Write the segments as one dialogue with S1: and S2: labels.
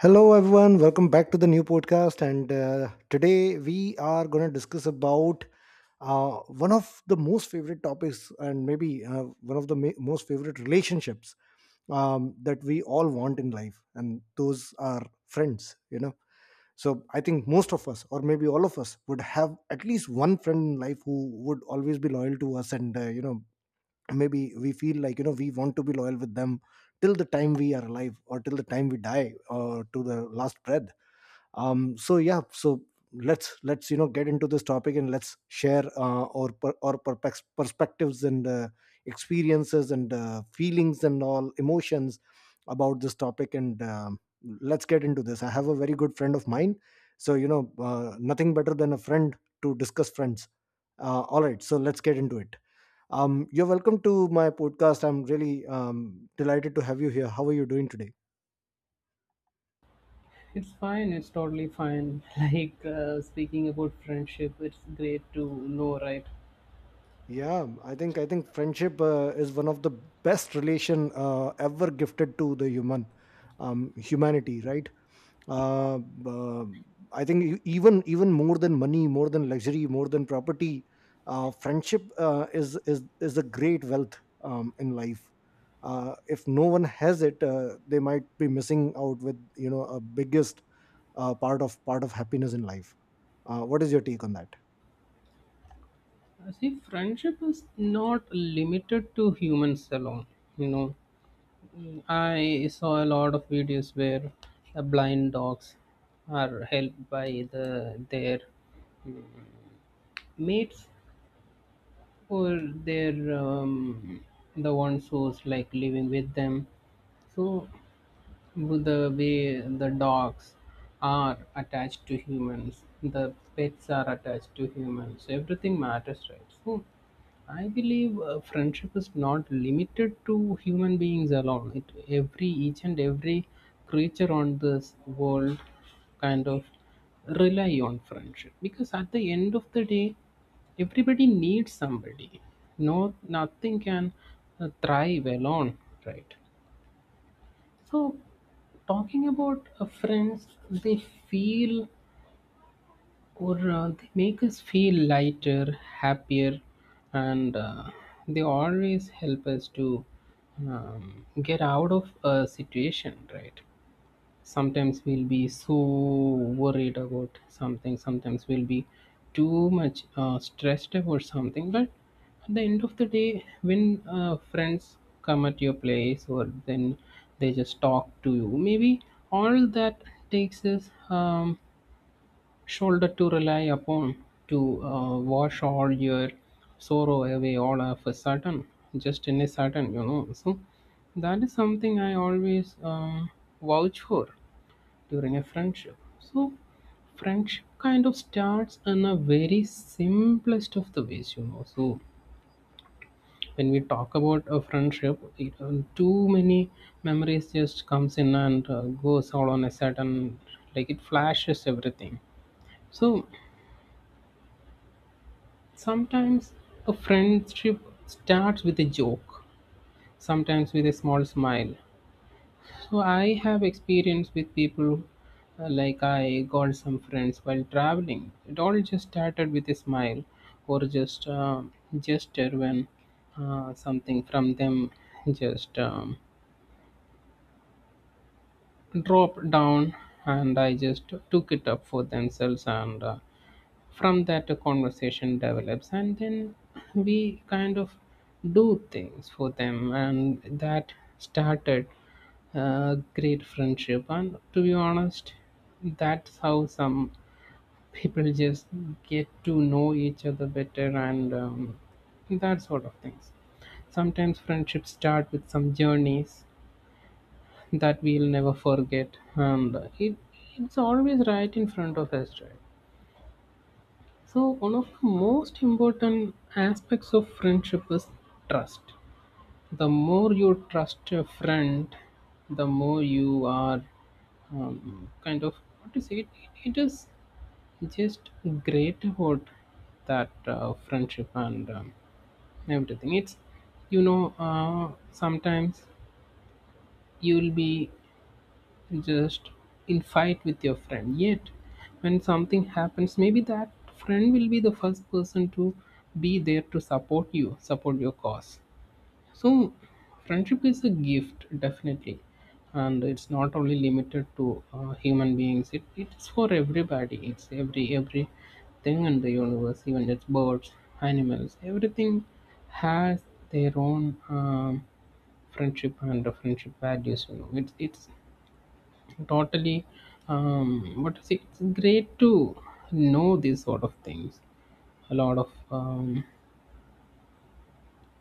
S1: Hello, everyone. Welcome back to the new podcast. And today we are going to discuss about uh, one of the most favorite topics, and maybe one of the most favorite relationships that we all want in life, and those are friends. So I think most of us, or maybe all of us, would have at least one friend in life who would always be loyal to us, and maybe we feel like we want to be loyal with them till the time we are alive or till the time we die or to the last breath. So yeah, so let's get into this topic, and let's share our per- our perpex- perspectives , and experiences , and feelings and all emotions about this topic, and let's get into this. I have a very good friend of mine, so nothing better than a friend to discuss friends. All right, so let's get into it. You're welcome to my podcast. I'm really delighted to have you here. How are you doing today?
S2: It's fine. It's totally fine. Like speaking about friendship, it's great to know, right?
S1: Yeah, I think friendship is one of the best relation, ever gifted to the humanity, right? Uh, uh, I think even more than money, more than luxury, more than property, friendship is a great wealth in life. If no one has it, they might be missing out with a biggest part of happiness in life. What is your take on that?
S2: See, friendship is not limited to humans alone. You know, Mm, I saw a lot of videos where blind dogs are helped by the their mates or their the ones who's like living with them. So the way the dogs are attached to humans, the pets are attached to humans, so everything matters, right? So, I believe friendship is not limited to human beings alone. It every each and every creature on this world kind of rely on friendship because at the end of the day, everybody needs somebody. No, nothing can thrive alone, right? So, talking about friends, they feel or they make us feel lighter, happier, and they always help us to get out of a situation, right? Sometimes we'll be so worried about something, sometimes we'll be too much stressed about something, but at the end of the day when friends come at your place or then they just talk to you, maybe all that takes is shoulder to rely upon to wash all your sorrow away all of a sudden, just in a sudden, you know. So that is something I always vouch for during a friendship. So, friendship kind of starts in a very simplest of the ways, you know. So, when we talk about a friendship, too many memories just comes in and goes all on a sudden, like it flashes everything. So, sometimes a friendship starts with a joke, sometimes with a small smile. So I have experience with people, like I got some friends while traveling. It all just started with a smile or just gesture when something from them just dropped down and I just took it up for themselves, and from that a conversation develops and then we kind of do things for them and that started a great friendship. And to be honest, that's how some people just get to know each other better. And that sort of things, sometimes friendships start with some journeys that we'll never forget, and it's always right in front of us, right? So, one of the most important aspects of friendship is trust. The more you trust a friend, the more you are kind of, what to say, it is just great about that friendship and everything. It's, you know, sometimes you'll be just in fight with your friend, yet when something happens maybe that friend will be the first person to be there to support you, support your cause. So friendship is a gift, definitely, and it's not only limited to human beings, it's for everybody, it's every thing in the universe, even it's birds, animals, everything has their own friendship and friendship values, you know, it's Totally. But it's great to know these sort of things. A lot of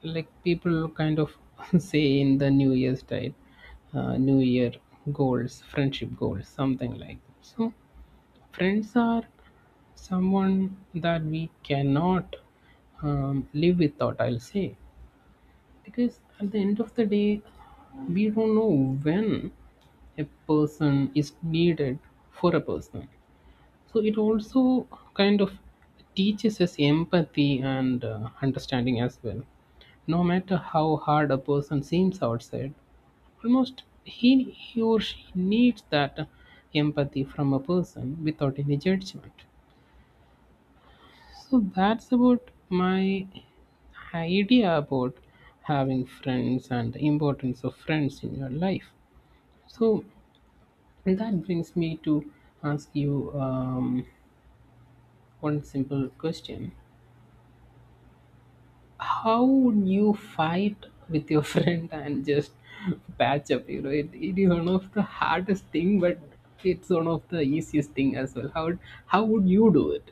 S2: like people kind of say in the New Year's diet, New Year goals, friendship goals, something like that. So friends are someone that we cannot live without, I'll say, because at the end of the day, we don't know when a person is needed for a person. So it also kind of teaches us empathy and understanding as well. No matter how hard a person seems outside, almost he or she needs that empathy from a person without any judgment. So that's about my idea about having friends and the importance of friends in your life. So that brings me to ask you one simple question. How would you fight with your friend and just patch up, you know? It is one of the hardest thing, but it's one of the easiest thing as well. How would you do it?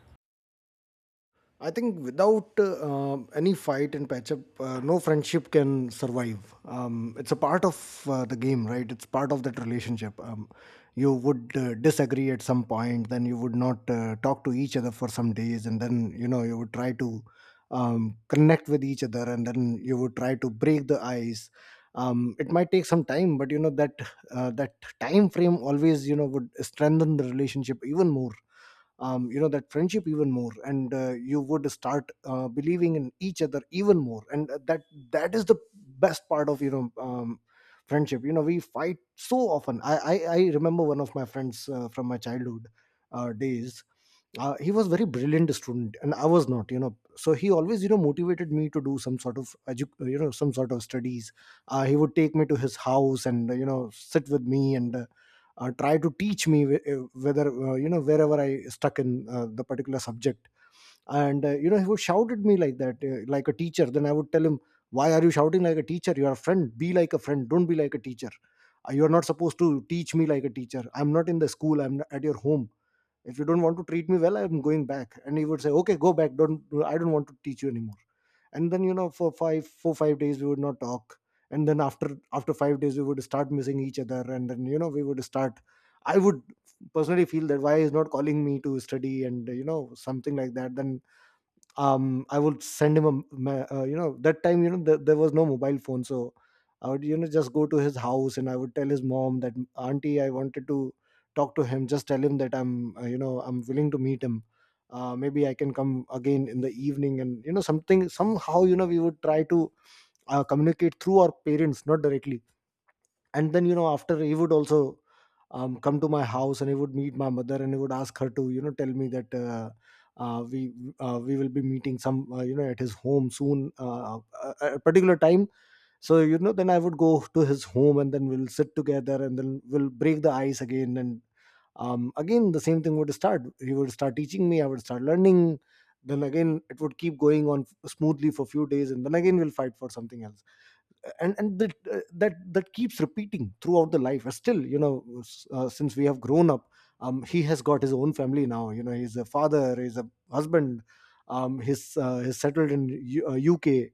S1: I think without any fight and patch up, no friendship can survive. It's a part of the game, right? It's part of that relationship. You would disagree at some point, then you would not talk to each other for some days, and then you would try to connect with each other, and then you would try to break the ice. It might take some time, but you know that that time frame always would strengthen the relationship even more, that friendship even more, and you would start believing in each other even more, and that is the best part of friendship. We fight so often. I remember one of my friends from my childhood days. He was very brilliant student and I was not, so he always motivated me to do some sort of some sort of studies. He would take me to his house and sit with me and try to teach me, whether wherever I stuck in the particular subject. And he would shout at me like that, like a teacher. Then I would tell him, why are you shouting like a teacher? You are a friend, be like a friend, don't be like a teacher. You are not supposed to teach me like a teacher, I'm not in the school, I'm at your home. If you don't want to treat me well, I'm going back. And he would say, okay, go back, don't I don't want to teach you anymore. And then, for five four five days we would not talk, and then after 5 days we would start missing each other. And then, we would start I would personally feel that why is not calling me to study, and something like that. Then I would send him a that time, there was no mobile phone, so I would just go to his house and I would tell his mom that, auntie, I wanted to talk to him. Just tell him that I'm you know I'm willing to meet him. Maybe I can come again in the evening, and something somehow, we would try to communicate through our parents, not directly. And then, after, he would also come to my house, and he would meet my mother, and he would ask her to tell me that, uh, we we will be meeting some you know at his home soon, a particular time. So, then I would go to his home, and then we'll sit together, and then we'll break the ice again. And again the same thing would start, he would start teaching me, I would start learning. Then again it would keep going on smoothly for a few days, and then again we'll fight for something else. And that, that keeps repeating throughout the life. Still, since we have grown up, he has got his own family now. He's a father, he's a husband, he's settled in UK,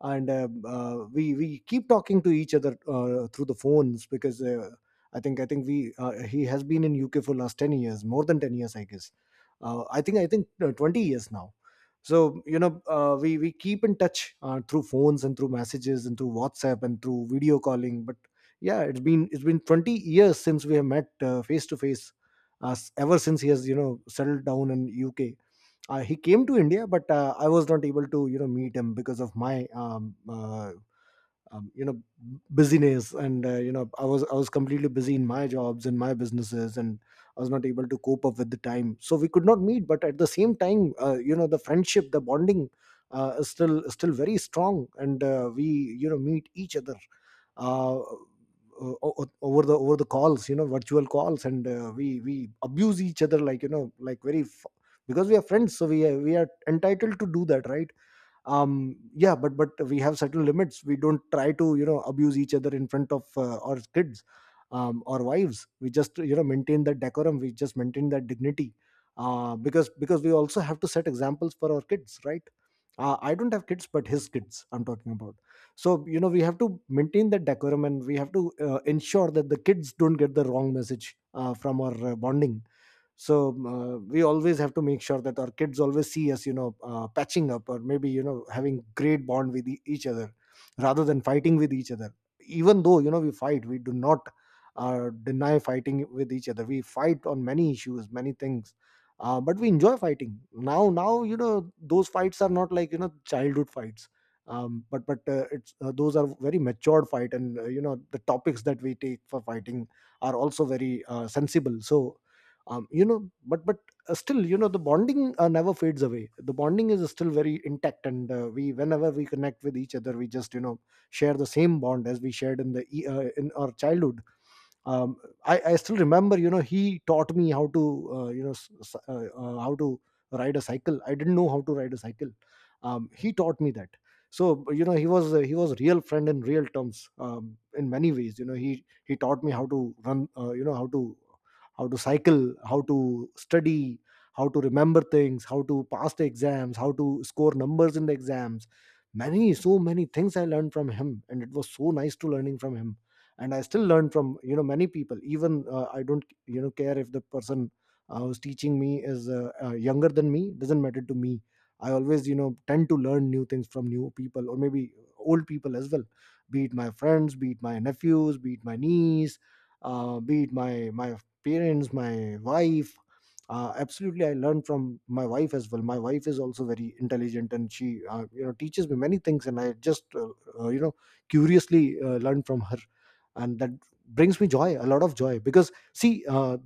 S1: and we keep talking to each other through the phones, because I think we he has been in UK for last 10 years, more than 10 years, I guess. I think 20 years now. So we keep in touch through phones, and through messages, and through WhatsApp, and through video calling, but yeah, it's been 20 years since we have met face to face, as ever since he has settled down in uk. He came to india, but I was not able to meet him because of my um, you know busyness, and i was completely busy in my jobs and my businesses, and I was not able to cope up with the time, so we could not meet. But at the same time, the friendship, the bonding, is still very strong, and we, meet each other uh, over the calls, virtual calls, and we abuse each other like, like very because we are friends, so we are entitled to do that, right? Yeah, but we have certain limits, we don't try to abuse each other in front of our kids or wives. We just maintain that decorum, we just maintain that dignity, because we also have to set examples for our kids, right? I don't have kids, but his kids I'm talking about. So, we have to maintain that decorum, and we have to ensure that the kids don't get the wrong message from our bonding. So we always have to make sure that our kids always see us patching up, or maybe having great bond with each other, rather than fighting with each other. Even though, we fight, we do not deny fighting with each other. We fight on many issues, many things, but we enjoy fighting now. Those fights are not like, childhood fights. But it's Those are very matured fight, and the topics that we take for fighting are also very sensible. So you know but still, the bonding never fades away. The bonding is still very intact, and we, whenever we connect with each other, we just share the same bond as we shared in the in our childhood. um, I still remember, he taught me how to how to ride a cycle. I didn't know how to ride a cycle. He taught me that. So, he was a real friend in real terms, in many ways. He taught me how to run, how to cycle, how to study, how to remember things, how to pass the exams, how to score numbers in the exams. Many, so many things I learned from him, and it was so nice to learning from him. And I still learn from, many people. Even I don't care if the person who's teaching me is younger than me, doesn't matter to me. I always tend to learn new things from new people, or maybe old people as well, be it my friends, be it my nephews, be it my niece, be it my parents, my wife. Absolutely, I learned from my wife as well. My wife is also very intelligent, and she teaches me many things, and I just uh, you know curiously learn from her. And that brings me joy, a lot of joy, because see,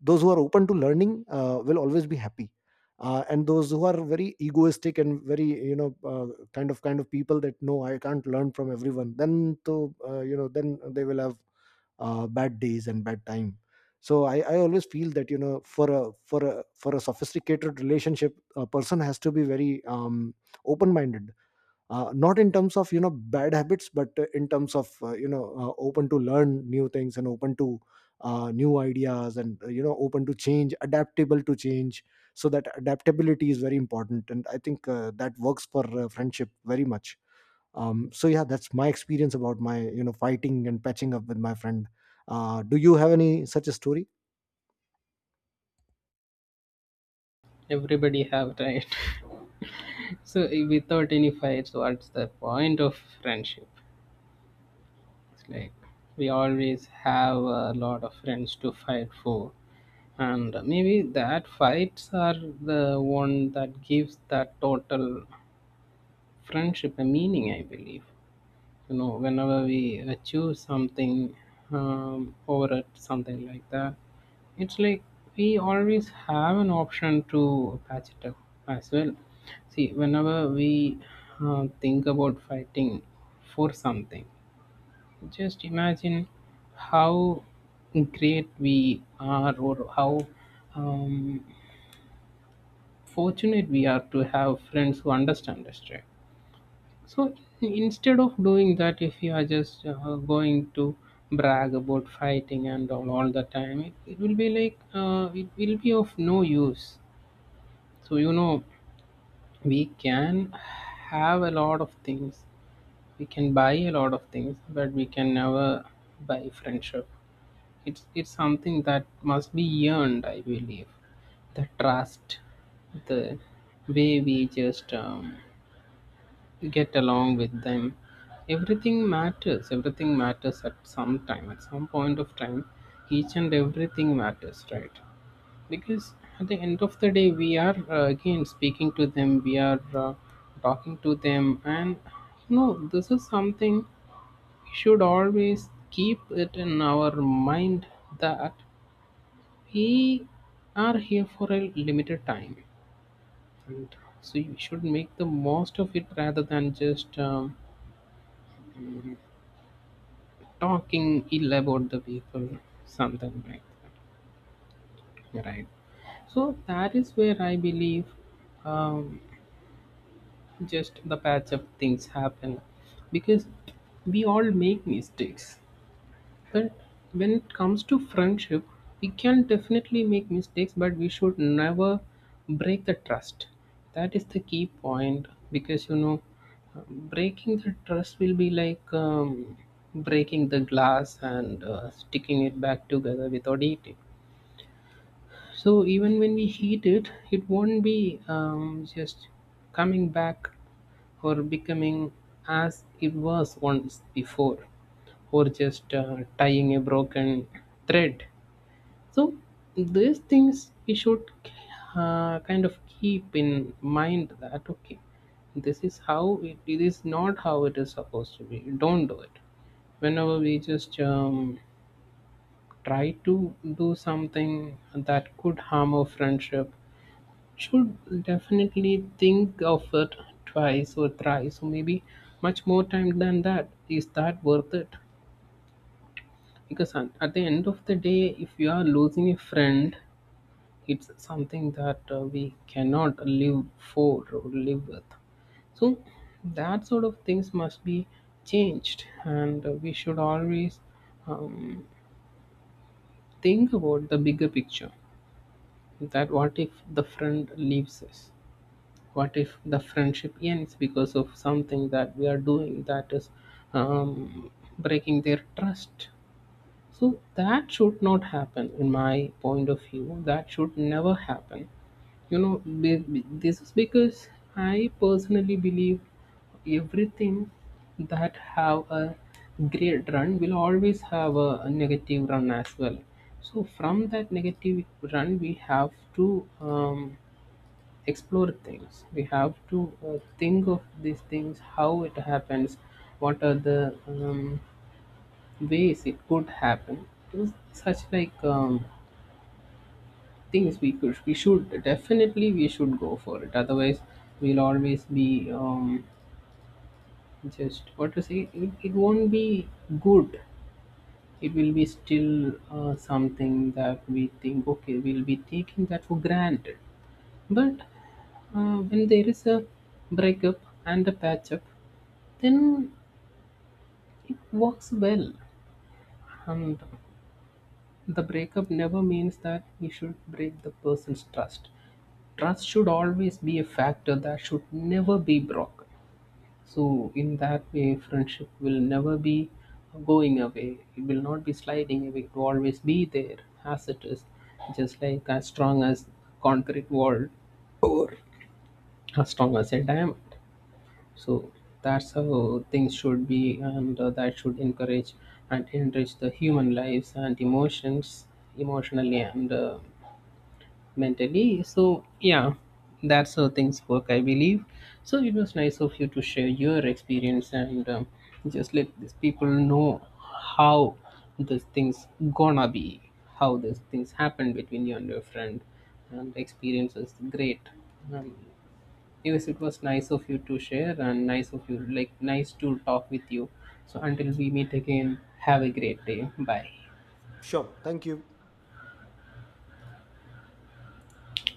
S1: those who are open to learning will always be happy. And those who are very egoistic, and very, kind of people that, no, I can't learn from everyone, then to, then they will have bad days and bad time. So I always feel that, for a sophisticated relationship, a person has to be very open minded, not in terms of, bad habits, but in terms of, open to learn new things, and open to new ideas, and open to change, adaptable to change. So that adaptability is very important, and I think that works for friendship very much. So yeah, that's my experience about my, fighting and patching up with my friend. Do you have any such a story?
S2: Everybody have tried. So without any fights, what's the point of friendship? It's like we always have a lot of friends to fight for, and maybe that fights are the one that gives that total friendship a meaning, I believe. You know, whenever we choose something over it, something like that, it's like we always have an option to patch it up as well. See, whenever we think about fighting for something, just imagine how great we are or how um, fortunate we are to have friends who understand us, right? So instead of doing that, if you are just going to brag about fighting and all the time, it will be like it will be of no use. So you know, we can have a lot of things, we can buy a lot of things, but we can never buy friendship. It's something that must be earned, I believe. The trust, the way we just get along with them, everything matters, everything matters at some time, at some point of time each and everything matters, right? Because at the end of the day we are again speaking to them, we are talking to them. And you know, this is something we should always keep it in our mind, that we are here for a limited time, and so you should make the most of it rather than just talking ill about the people, something like that, right? So that is where I believe um, just the patch up things happen because we all make mistakes. But when it comes to friendship, we can definitely make mistakes, but we should never break the trust. That is the key point, because you know, breaking the trust will be like breaking the glass and sticking it back together without eating. So even when we heat it, it won't be just coming back or becoming as it was once before, or just tying a broken thread. So these things we should kind of keep in mind that okay, this is how it is not how it is supposed to be. Don't do it. Whenever we just try to do something that could harm our friendship, should definitely think of it twice or thrice or maybe much more time than that. Is that worth it? Because at the end of the day if you are losing a friend, it's something that we cannot live for or live with. So that sort of things must be changed, and we should always um, think about the bigger picture, that what if the friend leaves us, what if the friendship ends because of something that we are doing that is um, breaking their trust. So that should not happen, in my point of view. That should never happen. You know, this is because I personally believe everything that have a great run will always have a negative run as well. So from that negative run, we have to explore things. We have to think of these things, how it happens, what are the ways it could happen. It was such like things we could, we should definitely, we should go for it, otherwise we'll always be just, what to say, it won't be good. It will be still something that we think okay, we'll be taking that for granted. But when there is a breakup and a patch up, then it works well. And the breakup never means that we should break the person's trust. Trust should always be a factor that should never be broken. So in that way friendship will never be going away, it will not be sliding away, it will always be there, as it is, just like as strong as concrete wall, as strong as a diamond. So that's how things should be, and that should encourage and enrich the human lives and emotions, emotionally and mentally. So yeah, that's how things work, I believe. So it was nice of you to share your experience, and just let these people know how these things gonna be, how these things happen between you and your friend, and the experience was great. um, yes, it was nice of you to share and nice of you, like, nice to talk with you. So until we meet again, have a great day. Bye.
S1: Sure. Thank you.